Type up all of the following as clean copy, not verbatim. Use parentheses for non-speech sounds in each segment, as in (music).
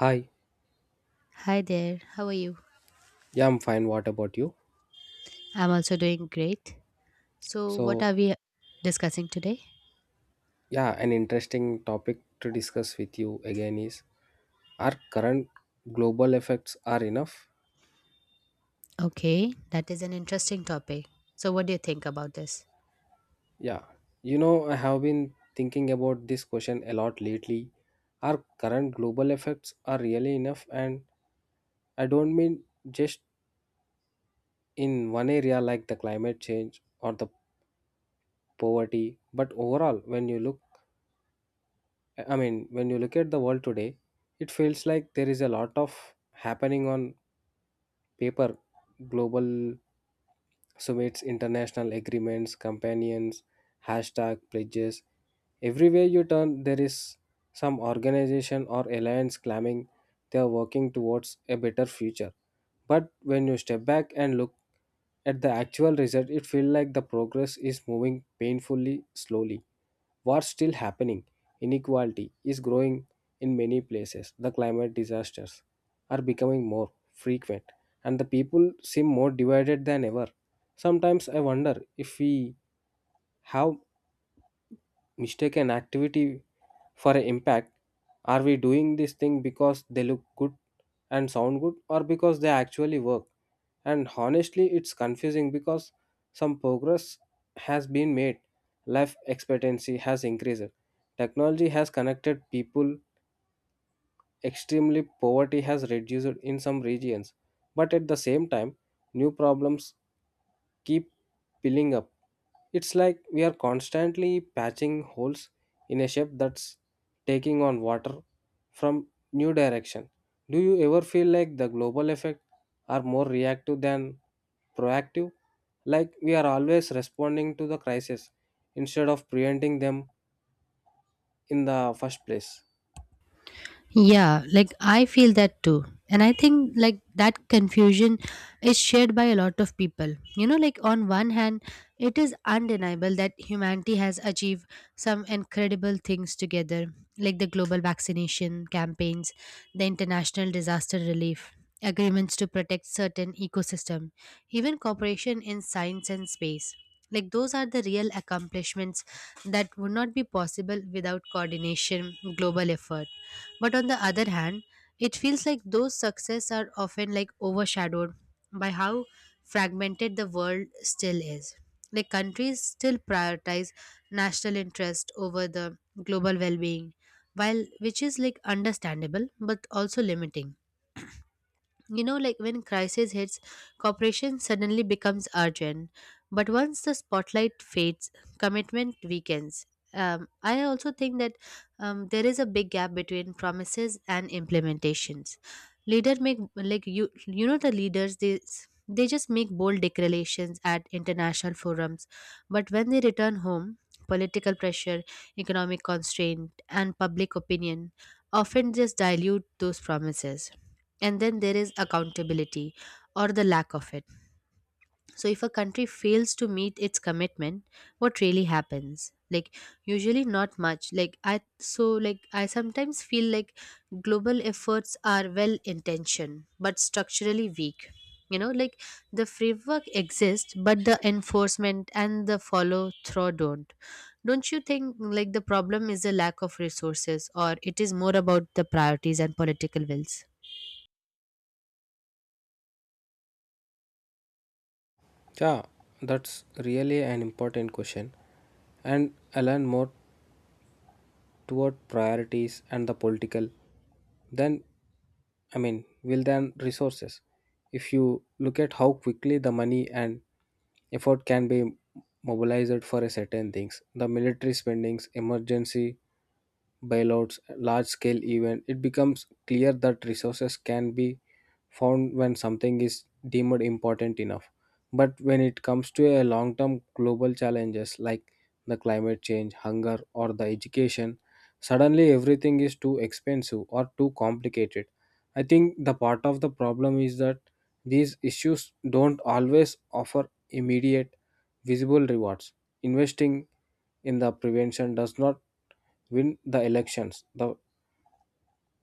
Hi, Hi there, how are you? yeah, I'm fine. What about you? I'm also doing great. So, what So, are we discussing today? yeah, an interesting topic to discuss with you again is are current global effects are enough? Okay, that is an interesting topic. So, what do you think about this? Yeah. I have been thinking about this question a lot lately. Are current global effects are really enough? And I don't mean just in one area like the climate change or the poverty, but overall when you look when you look at the world today, it feels like there is a lot of happening on paper global summits, international agreements, companions, hashtag pledges. Everywhere you turn, there is some organization or alliance claiming they are working towards a better future. But when you step back and look at the actual result, it feels like the progress is moving painfully slowly. What's still happening? Inequality is growing in many places. The climate disasters are becoming more frequent, and the people seem more divided than ever. Sometimes I wonder if we have mistaken activity for an impact. Are we doing this thing because they look good and sound good or because they actually work? And honestly, it's confusing because some progress has been made, life expectancy has increased, technology has connected people, extremely poverty has reduced in some regions. But at the same time, new problems keep piling up. It's like we are constantly patching holes in a ship that's taking on water from new direction. Do you ever feel like the global effect are more reactive than proactive? Like we are always responding to the crisis instead of preventing them in the first place. Yeah, like I feel that too. And I think like that confusion is shared by a lot of people. You know, like on one hand, it is undeniable that humanity has achieved some incredible things together, like the global vaccination campaigns, the international disaster relief, agreements to protect certain ecosystem, even cooperation in science and space. Like those are the real accomplishments that would not be possible without coordination, global effort, but on the other hand, it feels like those success are often like overshadowed by how fragmented the world still is. Like countries still prioritize national interest over the global well-being, while which is like understandable but also limiting. You know, like when crisis hits, cooperation suddenly becomes urgent, but once the spotlight fades, commitment weakens. I also think that there is a big gap between promises and implementations leader make, like you know the leaders they just make bold declarations at international forums, but when they return home, political pressure, economic constraint, and public opinion often just dilute those promises. And then there is accountability or the lack of it. So, if a country fails to meet its commitment, what really happens? Like, usually not much. Like, I so, like, I sometimes feel like global efforts are well intentioned but structurally weak. You know, like the framework exists, but the enforcement and the follow through don't. Don't you think like the problem is the lack of resources, or it is more about the priorities and political wills? Yeah, that's really an important question, and I learn more toward priorities and the political than will than resources. If you look at how quickly the money and effort can be mobilized for a certain things, the military spendings, emergency bailouts, large scale event, it becomes clear that resources can be found when something is deemed important enough. But when it comes to a long term global challenges like the climate change, hunger, or the education, suddenly everything is too expensive or too complicated. I think the part of the problem is that these issues don't always offer immediate visible rewards investing in the prevention does not win the elections the,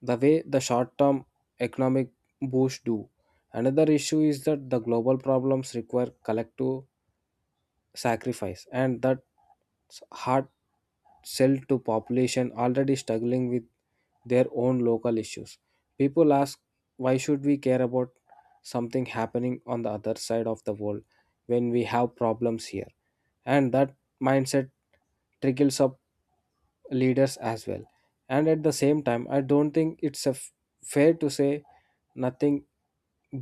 the way the short term economic boost do. Another issue is that the global problems require collective sacrifice and that hard sell to population already struggling with their own local issues. People ask why should we care about something happening on the other side of the world when we have problems here? And that mindset trickles up leaders as well. And at the same time, I don't think it's a fair to say nothing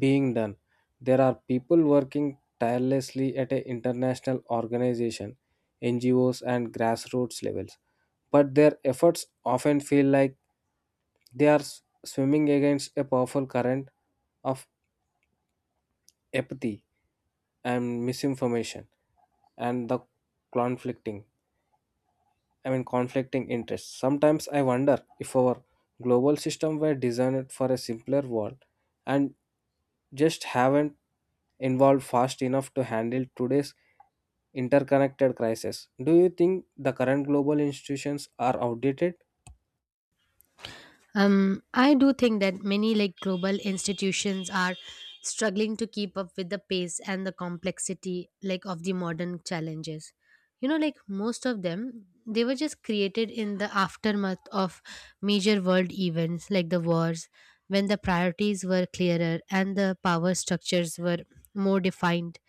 being done. There are people working tirelessly at an international organization, NGOs, and grassroots levels, but their efforts often feel like they are swimming against a powerful current of apathy and misinformation and the conflicting. Conflicting interests. Sometimes I wonder if our global system were designed for a simpler world and just haven't evolved fast enough to handle today's interconnected crisis. Do you think the current global institutions are outdated? I do think that many like global institutions are struggling to keep up with the pace and the complexity like of the modern challenges. You know, like most of them, they were just created in the aftermath of major world events like the wars, when the priorities were clearer and the power structures were more defined.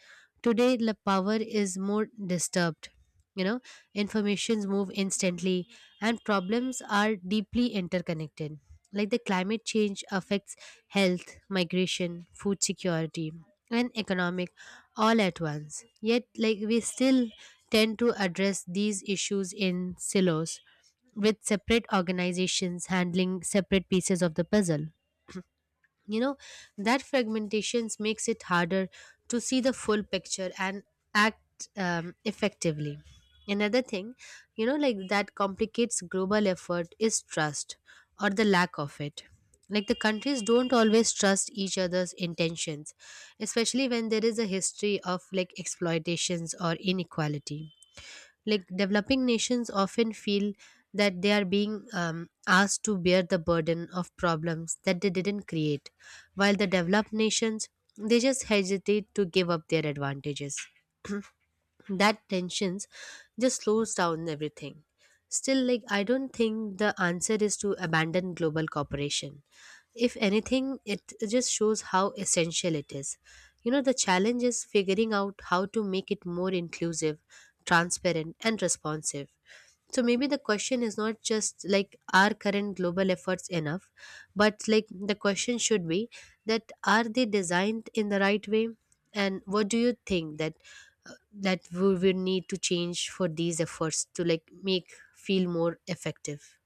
Today, the power is more disturbed. You know, informations move instantly and problems are deeply interconnected. Like the climate change affects health, migration, food security, and economic all at once. Yet, like we still tend to address these issues in silos, with separate organizations handling separate pieces of the puzzle. You know, that fragmentations makes it harder to see the full picture and act effectively. Another thing, you know, like that complicates global effort is trust or the lack of it. Like the countries don't always trust each other's intentions, especially when there is a history of like exploitations or inequality. Like developing nations often feel that they are being asked to bear the burden of problems that they didn't create, while the developed nations they just hesitate to give up their advantages. That tensions just slows down everything. Still, like I don't think the answer is to abandon global cooperation. If anything, it just shows how essential it is. You know, the challenge is figuring out how to make it more inclusive, transparent, and responsive. So maybe the question is not just like, are current global efforts enough, but like the question should be that are they designed in the right way, and what do you think that that we will need to change for these efforts to like make feel more effective.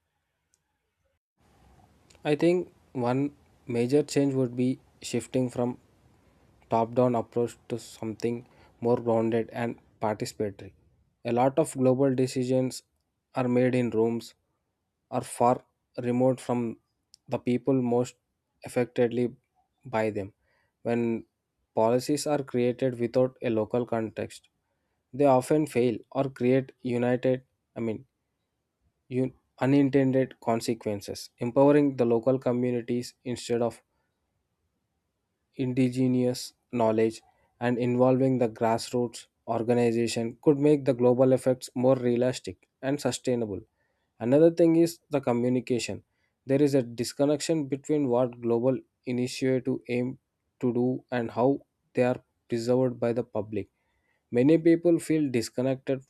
I think one major change would be shifting from top down approach to something more grounded and participatory. A lot of global decisions are made in rooms are far remote from the people most affectedly by them. When policies are created without a local context, they often fail or create united, I mean, un- unintended consequences, empowering the local communities instead of indigenous knowledge and involving the grassroots organization could make the global effects more realistic and sustainable. Another thing is the communication. There is a disconnection between what global initiative aim to do and how they are preserved by the public. Many people feel disconnected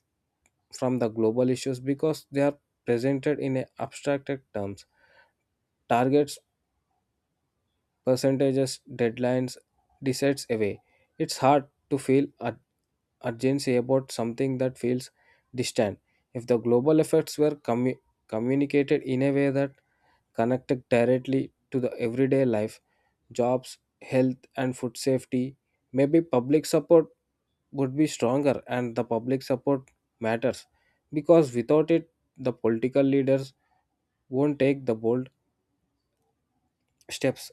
from the global issues because they are presented in a abstracted terms targets, percentages, deadlines, decides away. It's hard to feel urgency about something that feels distant. If the global effects were communicated in a way that connected directly to the everyday life, jobs, health, and food safety, maybe public support would be stronger and the public support matters because without it, the political leaders won't take the bold steps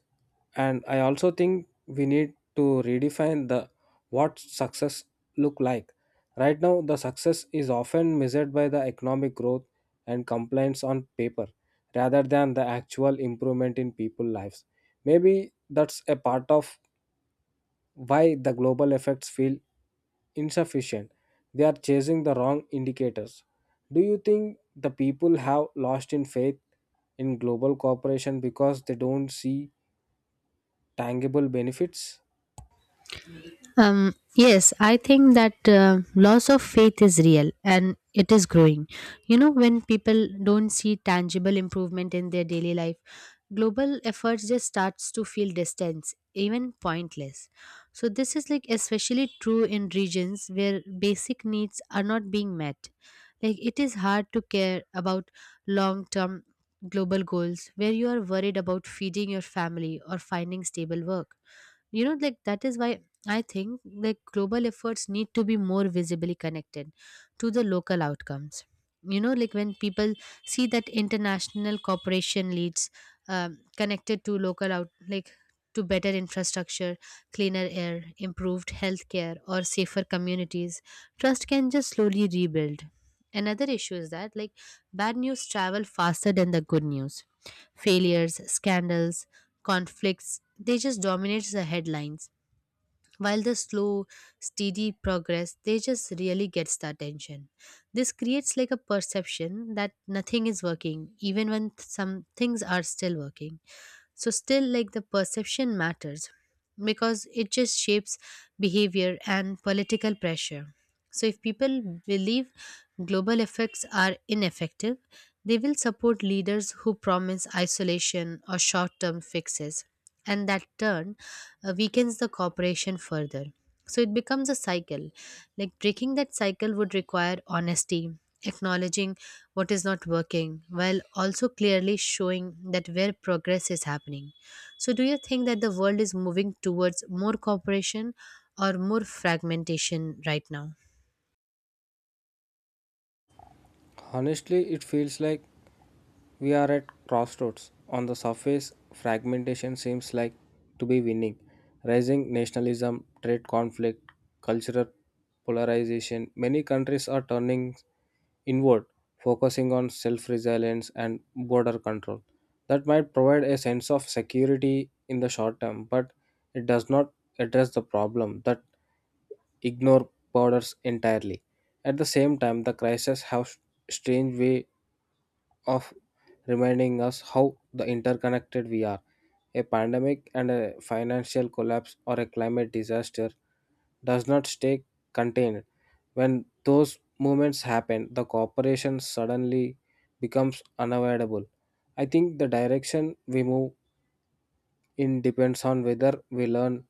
and I also think we need to redefine the what success look like right now. The success is often measured by the economic growth and compliance on paper rather than the actual improvement in people lives. Maybe that's a part of why the global effects feel insufficient. They are chasing the wrong indicators. Do you think the people have lost in faith in global cooperation because they don't see tangible benefits? Yes, I think that loss of faith is real and it is growing. You know, when people don't see tangible improvement in their daily life, global efforts just starts to feel distance, even pointless. So this is like especially true in regions where basic needs are not being met. Like it is hard to care about long term global goals where you are worried about feeding your family or finding stable work. You know, like that is why I think like global efforts need to be more visibly connected to the local outcomes. You know, like when people see that international cooperation leads connected to local out like to better infrastructure, cleaner air, improved healthcare, or safer communities, trust can just slowly rebuild. Another issue is that like bad news travel faster than the good news. Failures, scandals, conflicts, they just dominate the headlines. While the slow, steady progress, they just really gets the attention. This creates like a perception that nothing is working, even when some things are still working. So still, like the perception matters because it just shapes behavior and political pressure. So if people believe global effects are ineffective, they will support leaders who promise isolation or short-term fixes, and that turn weakens the cooperation further. So it becomes a cycle. Like breaking that cycle would require honesty, acknowledging what is not working, while also clearly showing that where progress is happening. So, do you think that the world is moving towards more cooperation or more fragmentation right now? Honestly, it feels like we are at crossroads. On the surface, fragmentation seems like to be winning. Rising nationalism, trade conflict, cultural polarization. Many countries are turning inward, focusing on self resilience and border control. That might provide a sense of security in the short term, but it does not address the problem that ignore borders entirely. At the same time, the crisis have strange way of reminding us how the interconnected we are. A pandemic and a financial collapse or a climate disaster does not stay contained. When those movements happen, the cooperation suddenly becomes unavoidable. I think the direction we move in depends on whether we learn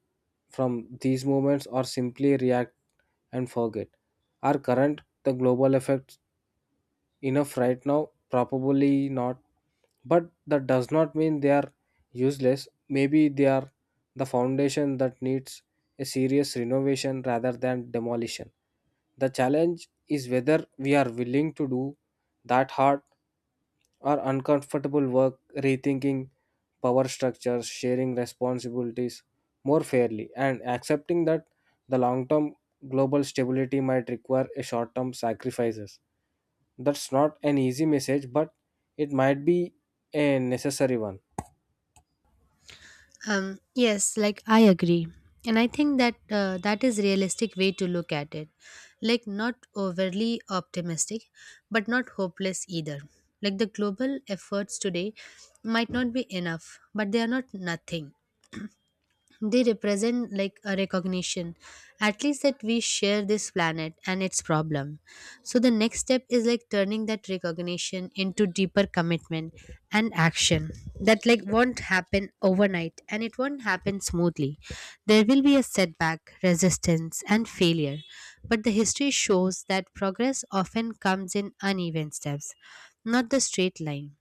from these movements or simply react and forget. Our current the global effects enough right now? Probably not. But that does not mean they are useless. Maybe they are the foundation that needs a serious renovation rather than demolition. The challenge is whether we are willing to do that hard or uncomfortable work, rethinking power structures, sharing responsibilities more fairly, and accepting that the long term global stability might require a short term sacrifices. That's not an easy message, but it might be a necessary one. Yes, like I agree, and I think that that is realistic way to look at it. Like not overly optimistic, but not hopeless either. Like the global efforts today might not be enough, but they are not nothing. They represent like a recognition at least that we share this planet and its problem. So the next step is like turning that recognition into deeper commitment and action. That like won't happen overnight and it won't happen smoothly. There will be a setback, resistance, and failure, but the history shows that progress often comes in uneven steps, not the straight line.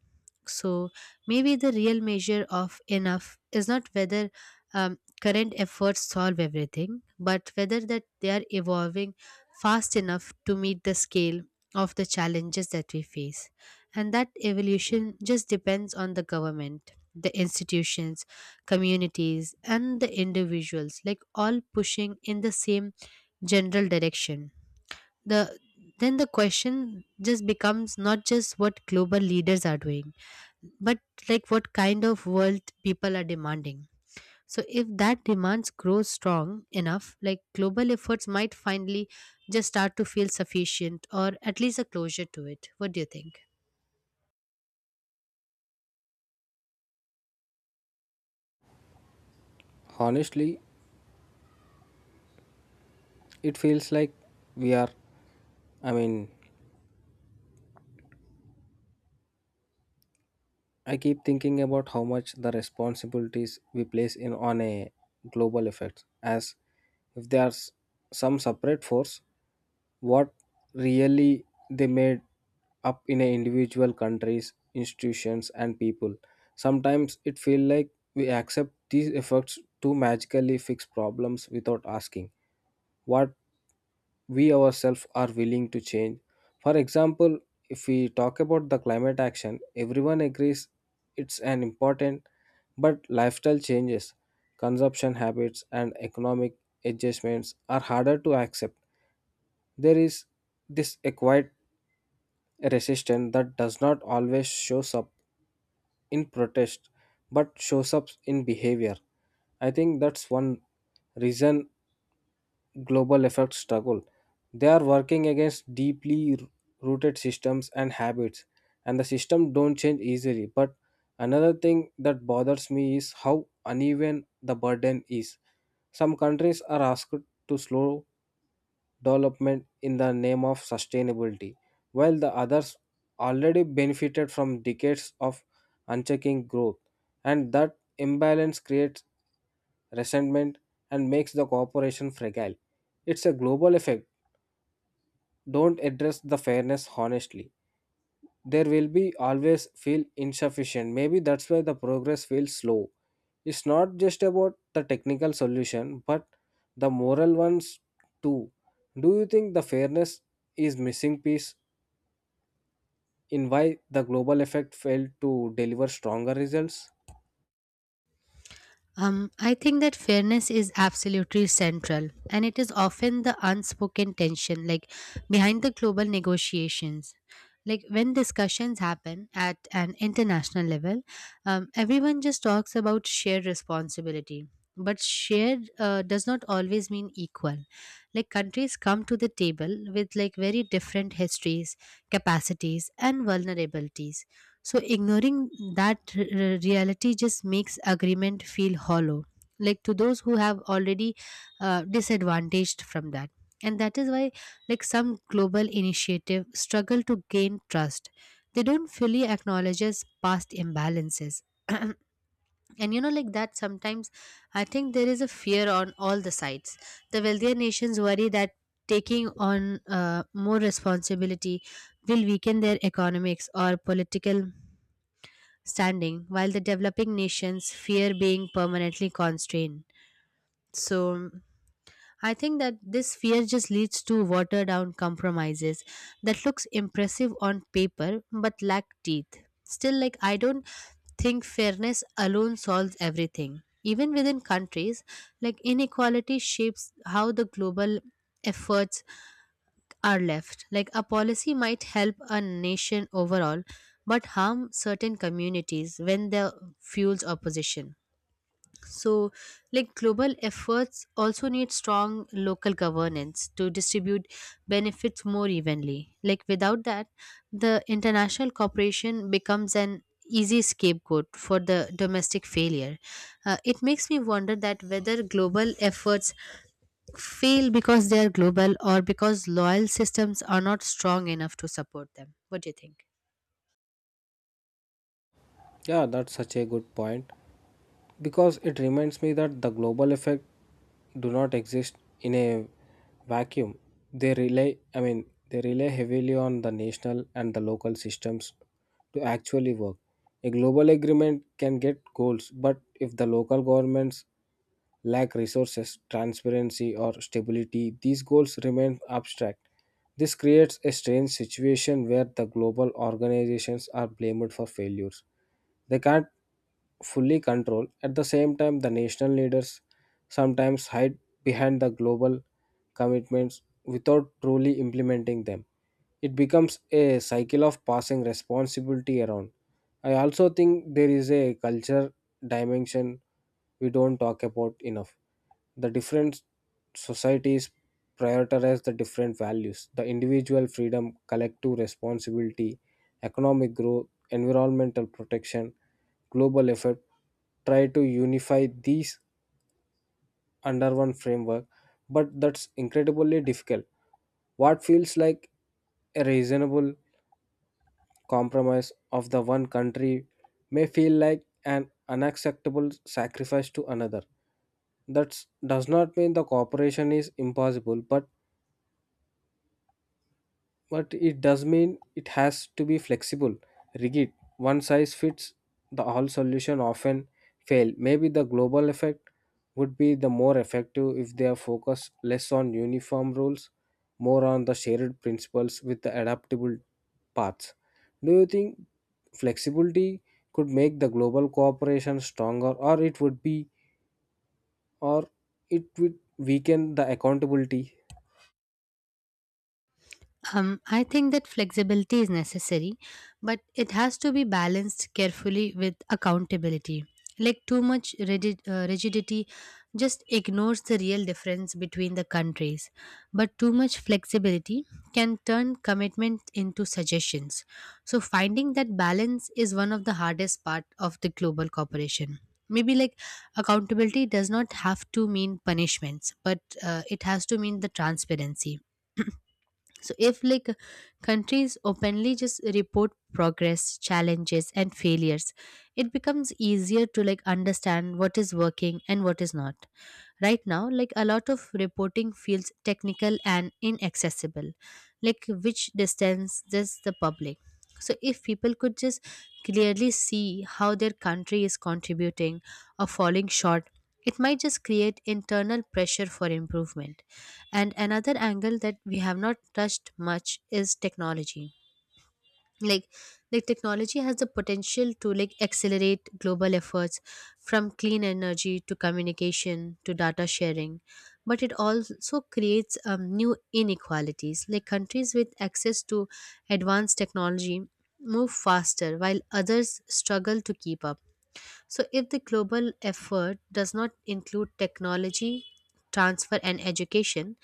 So maybe the real measure of enough is not whether uh, current efforts solve everything, but whether that they are evolving fast enough to meet the scale of the challenges that we face. And that evolution just depends on the government, the institutions, communities, and the individuals, like all pushing in the same general direction. The then the question just becomes not just what global leaders are doing, but like what kind of world people are demanding. So if that demands grow strong enough, like global efforts might finally just start to feel sufficient or at least a closure to it. What do you think? Honestly, it feels like we are. I mean, I keep thinking about how much the responsibilities we place in on a global effect, as if they are some separate force, what really they made up in a individual countries, institutions, and people. Sometimes it feels like we accept these efforts to magically fix problems without asking what we ourselves are willing to change. For example, if we talk about the climate action, everyone agrees it's an important, but lifestyle changes, consumption habits, and economic adjustments are harder to accept. There is this acquired resistance that does not always shows up in protest but shows up in behavior. I think that's one reason global effect struggle. They are working against deeply rooted systems and habits, and the system don't change easily. But another thing that bothers me is how uneven the burden is. Some countries are asked to slow development in the name of sustainability, while the others already benefited from decades of unchecking growth, and that imbalance creates resentment and makes the cooperation fragile. It's a global effect don't address the fairness honestly there will be always feel insufficient. Maybe that's why the progress feels slow. It's not just about the technical solution but the moral ones too. Do you think the fairness is missing piece in why the global effect failed to deliver stronger results? I think that fairness is absolutely central, and it is often the unspoken tension, like behind the global negotiations. Like when discussions happen at an international level, everyone just talks about shared responsibility. But shared does not always mean equal. Like countries come to the table with like very different histories, capacities, and vulnerabilities. So ignoring that reality just makes agreement feel hollow, like to those who have already disadvantaged from that. And that is why, like some global initiative, struggle to gain trust. They don't fully acknowledges past imbalances. (clears throat) And you know, like that sometimes I think there is a fear on all the sides. The wealthier nations worry that taking on more responsibility will weaken their economics or political standing, while the developing nations fear being permanently constrained. So I think that this fear just leads to watered down compromises that looks impressive on paper but lack teeth. Still, like I don't think fairness alone solves everything. Even within countries, like inequality shapes how the global efforts are left. Like a policy might help a nation overall, but harm certain communities when the fuels opposition. So, like global efforts also need strong local governance to distribute benefits more evenly. Like without that, the international cooperation becomes an easy scapegoat for the domestic failure. It makes me wonder that whether global efforts fail because they are global or because loyal systems are not strong enough to support them. What do you think? Yeah, that's such a good point because it reminds me that the global effect do not exist in a vacuum. They rely i mean they rely heavily on the national and the local systems to actually work. A global agreement can get goals but if the local governments lack resources, transparency, or stability, these goals remain abstract. This creates a strange situation where the global organizations are blamed for failures they can't fully control. At the same time, the national leaders sometimes hide behind the global commitments without truly implementing them. It becomes a cycle of passing responsibility around. I also think there is a culture dimension we don't talk about enough. The different societies prioritize the different values the individual freedom, collective responsibility, economic growth, environmental protection, global effort try to unify these under one framework, but that's incredibly difficult. What feels like a reasonable compromise of the one country may feel like an unacceptable sacrifice to another. That does not mean the cooperation is impossible, but it does mean it has to be flexible, rigid. One size fits the all solution often fail. Maybe the global effect would be the more effective if they are focused less on uniform rules, more on the shared principles with the adaptable paths. Do you think flexibility could make the global cooperation stronger or it would weaken the accountability? I think that flexibility is necessary, but it has to be balanced carefully with accountability. Like too much rigid, rigidity just ignores the real difference between the countries, but too much flexibility can turn commitment into suggestions. So, finding that balance is one of the hardest part of the global cooperation. Maybe like accountability does not have to mean punishments, but it has to mean the transparency. So if like countries openly just report progress, challenges, and failures, it becomes easier to like understand what is working and what is not. Right now, like a lot of reporting feels technical and inaccessible, like which distance does the public. So if people could just clearly see how their country is contributing or falling short, it might just create internal pressure for improvement. And another angle that we have not touched much is technology. Like, like, technology has the potential to like accelerate global efforts from clean energy to communication to data sharing, but it also creates new inequalities. Like countries with access to advanced technology move faster while others struggle to keep up. So, if the global effort does not include technology, transfer, and education,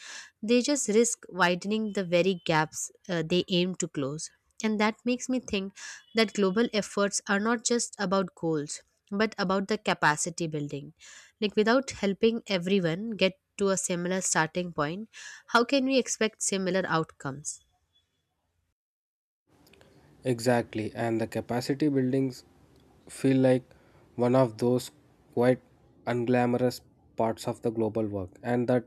they just risk widening the very gaps they aim to close. And that makes me think that global efforts are not just about goals, but about the capacity building. Like, without helping everyone get to a similar starting point, how can we expect similar outcomes? Exactly, and the capacity buildings feel like one of those quite unglamorous parts of the global work, and that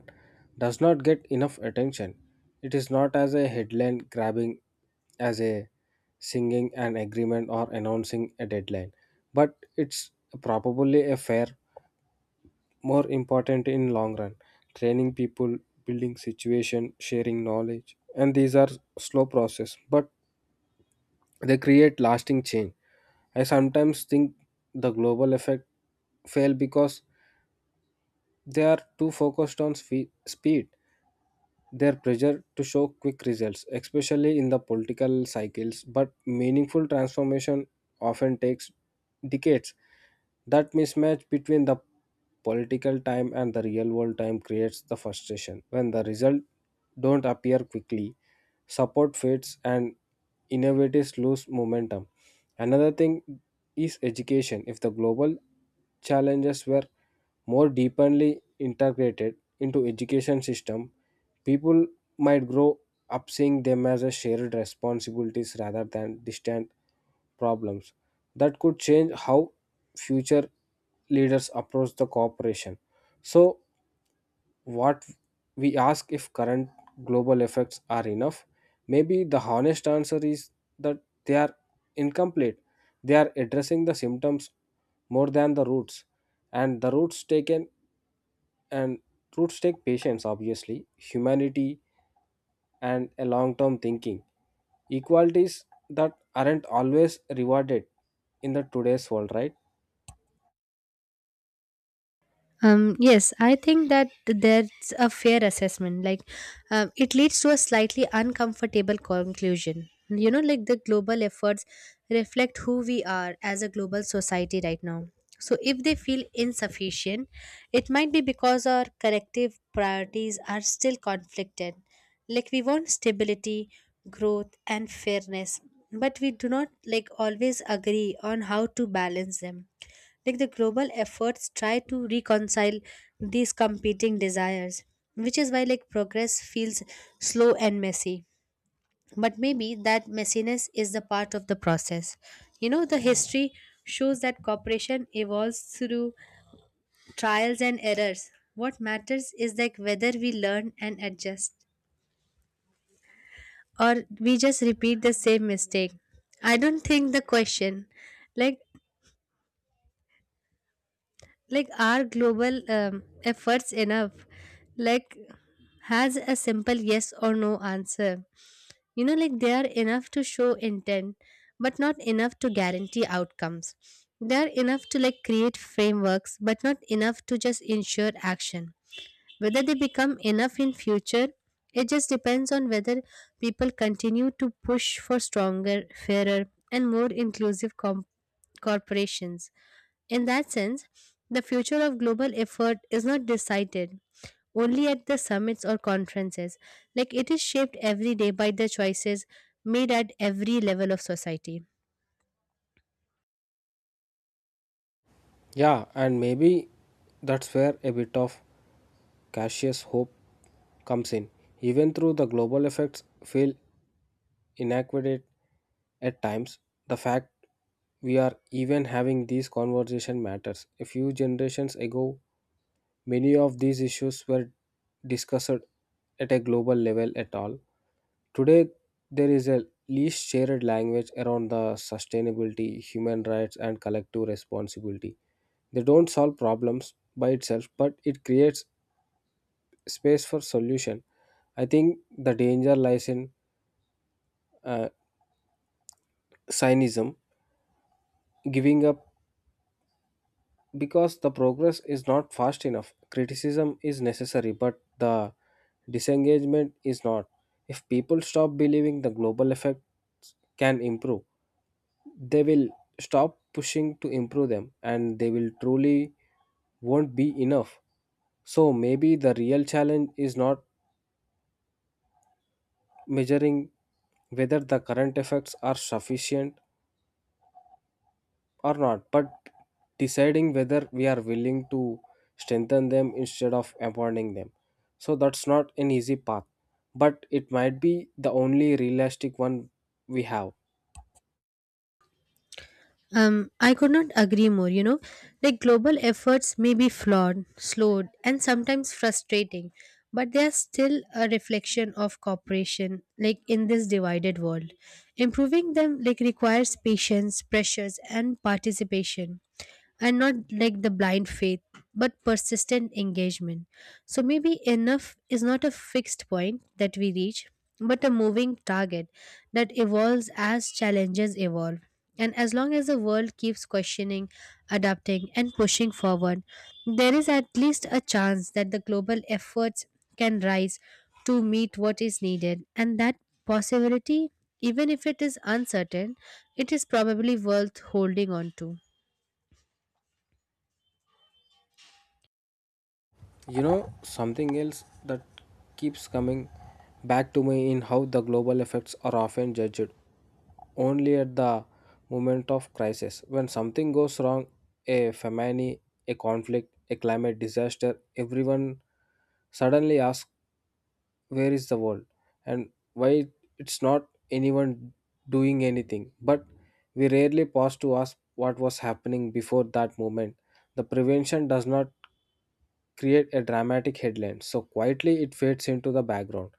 does not get enough attention. It is not as a headline grabbing as a singing an agreement or announcing a deadline, but it's probably a fair, more important in long run, training people, building situation, sharing knowledge, and these are slow process, but they create lasting change. I sometimes think the global effect fail because they are too focused on speed, their pressure to show quick results, especially in the political cycles, but meaningful transformation often takes decades. That mismatch between the political time and the real world time creates the frustration. When the results don't appear quickly, support fades and innovators lose momentum. Another thing is education. If the global challenges were more deeply integrated into education system, people might grow up seeing them as a shared responsibilities rather than distant problems, that could change how future leaders approach the cooperation. So what we ask, if current global effects are enough, maybe the honest answer is that they are incomplete. They are addressing the symptoms more than the roots, and the roots taken and roots take patience, obviously humanity and a long term thinking, equalities that aren't always rewarded in the today's world, right? Yes, I think that there's a fair assessment. Like, it leads to a slightly uncomfortable conclusion. You know, like the global efforts reflect who we are as a global society right now. So, if they feel insufficient, it might be because our collective priorities are still conflicted. Like, we want stability, growth, and fairness, but we do not like always agree on how to balance them. Like the global efforts try to reconcile these competing desires, which is why like progress feels slow and messy. But maybe that messiness is the part of the process. You know, the history shows that cooperation evolves through trials and errors. What matters is like whether we learn and adjust, or we just repeat the same mistake. I don't think the question, like like are global efforts enough, like has a simple yes or no answer. You know, like they are enough to show intent but not enough to guarantee outcomes. They are enough to like create frameworks but not enough to just ensure action. Whether they become enough in future, it just depends on whether people continue to push for stronger, fairer, and more inclusive corporations. In that sense, the future of global effort is not decided only at the summits or conferences. Like it is shaped every day by the choices made at every level of society. Yeah, and maybe that's where a bit of cautious hope comes in. Even though the global effects feel inadequate at times, the fact we are even having these conversation matters. A few generations ago, many of these issues were discussed at a global level at all. Today, there is a least shared language around the sustainability, human rights, and collective responsibility. They don't solve problems by itself, but it creates space for solution. I think the danger lies in uh, cynism, giving up because the progress is not fast enough. Criticism is necessary, but the disengagement is not. If people stop believing the global effects can improve, they will stop pushing to improve them, and they will truly won't be enough. So maybe the real challenge is not measuring whether the current effects are sufficient or not, but deciding whether we are willing to strengthen them instead of abandoning them. So that's not an easy path, but it might be the only realistic one we have. I could not agree more, you know. Like global efforts may be flawed, slowed, and sometimes frustrating, but they are still a reflection of cooperation, like in this divided world. Improving them like requires patience, pressures, and participation, and not like the blind faith, but persistent engagement. So maybe enough is not a fixed point that we reach, but a moving target that evolves as challenges evolve. And as long as the world keeps questioning, adapting, and pushing forward, there is at least a chance that the global efforts can rise to meet what is needed, and that possibility, even if it is uncertain, it is probably worth holding on to. You know, something else that keeps coming back to me in how the global effects are often judged only at the moment of crisis. When something goes wrong, a famine, a conflict, a climate disaster, everyone suddenly asks, "Where is the world? And why it's not anyone doing anything?" But we rarely pause to ask what was happening before that moment. The prevention does not create a dramatic headline, so quietly it fades into the background.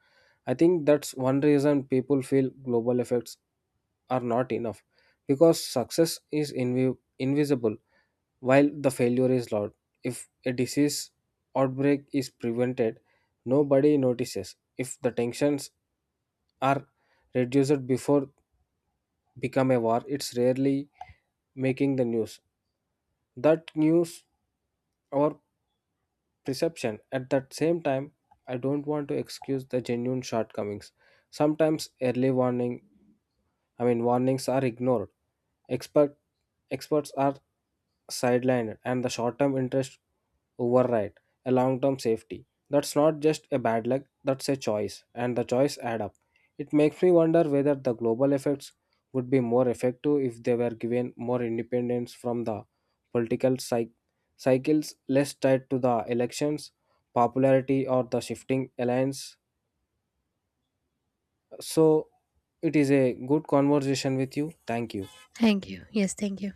I think that's one reason people feel global effects are not enough, because success is invisible while the failure is loud. If a disease outbreak is prevented, nobody notices. If the tensions are reduced before become a war, it's rarely making the news, that news or perception. At that same time, I don't want to excuse the genuine shortcomings. Sometimes early warning, I mean, warnings are ignored. Expert Experts are sidelined, and the short-term interest override a long-term safety. That's not just a bad luck. That's a choice, and the choice add up. It makes me wonder whether the global effects would be more effective if they were given more independence from the political cycles, less tied to the elections, popularity, or the shifting alliance. So, it is a good conversation with you. Thank you. Thank you. Yes, thank you.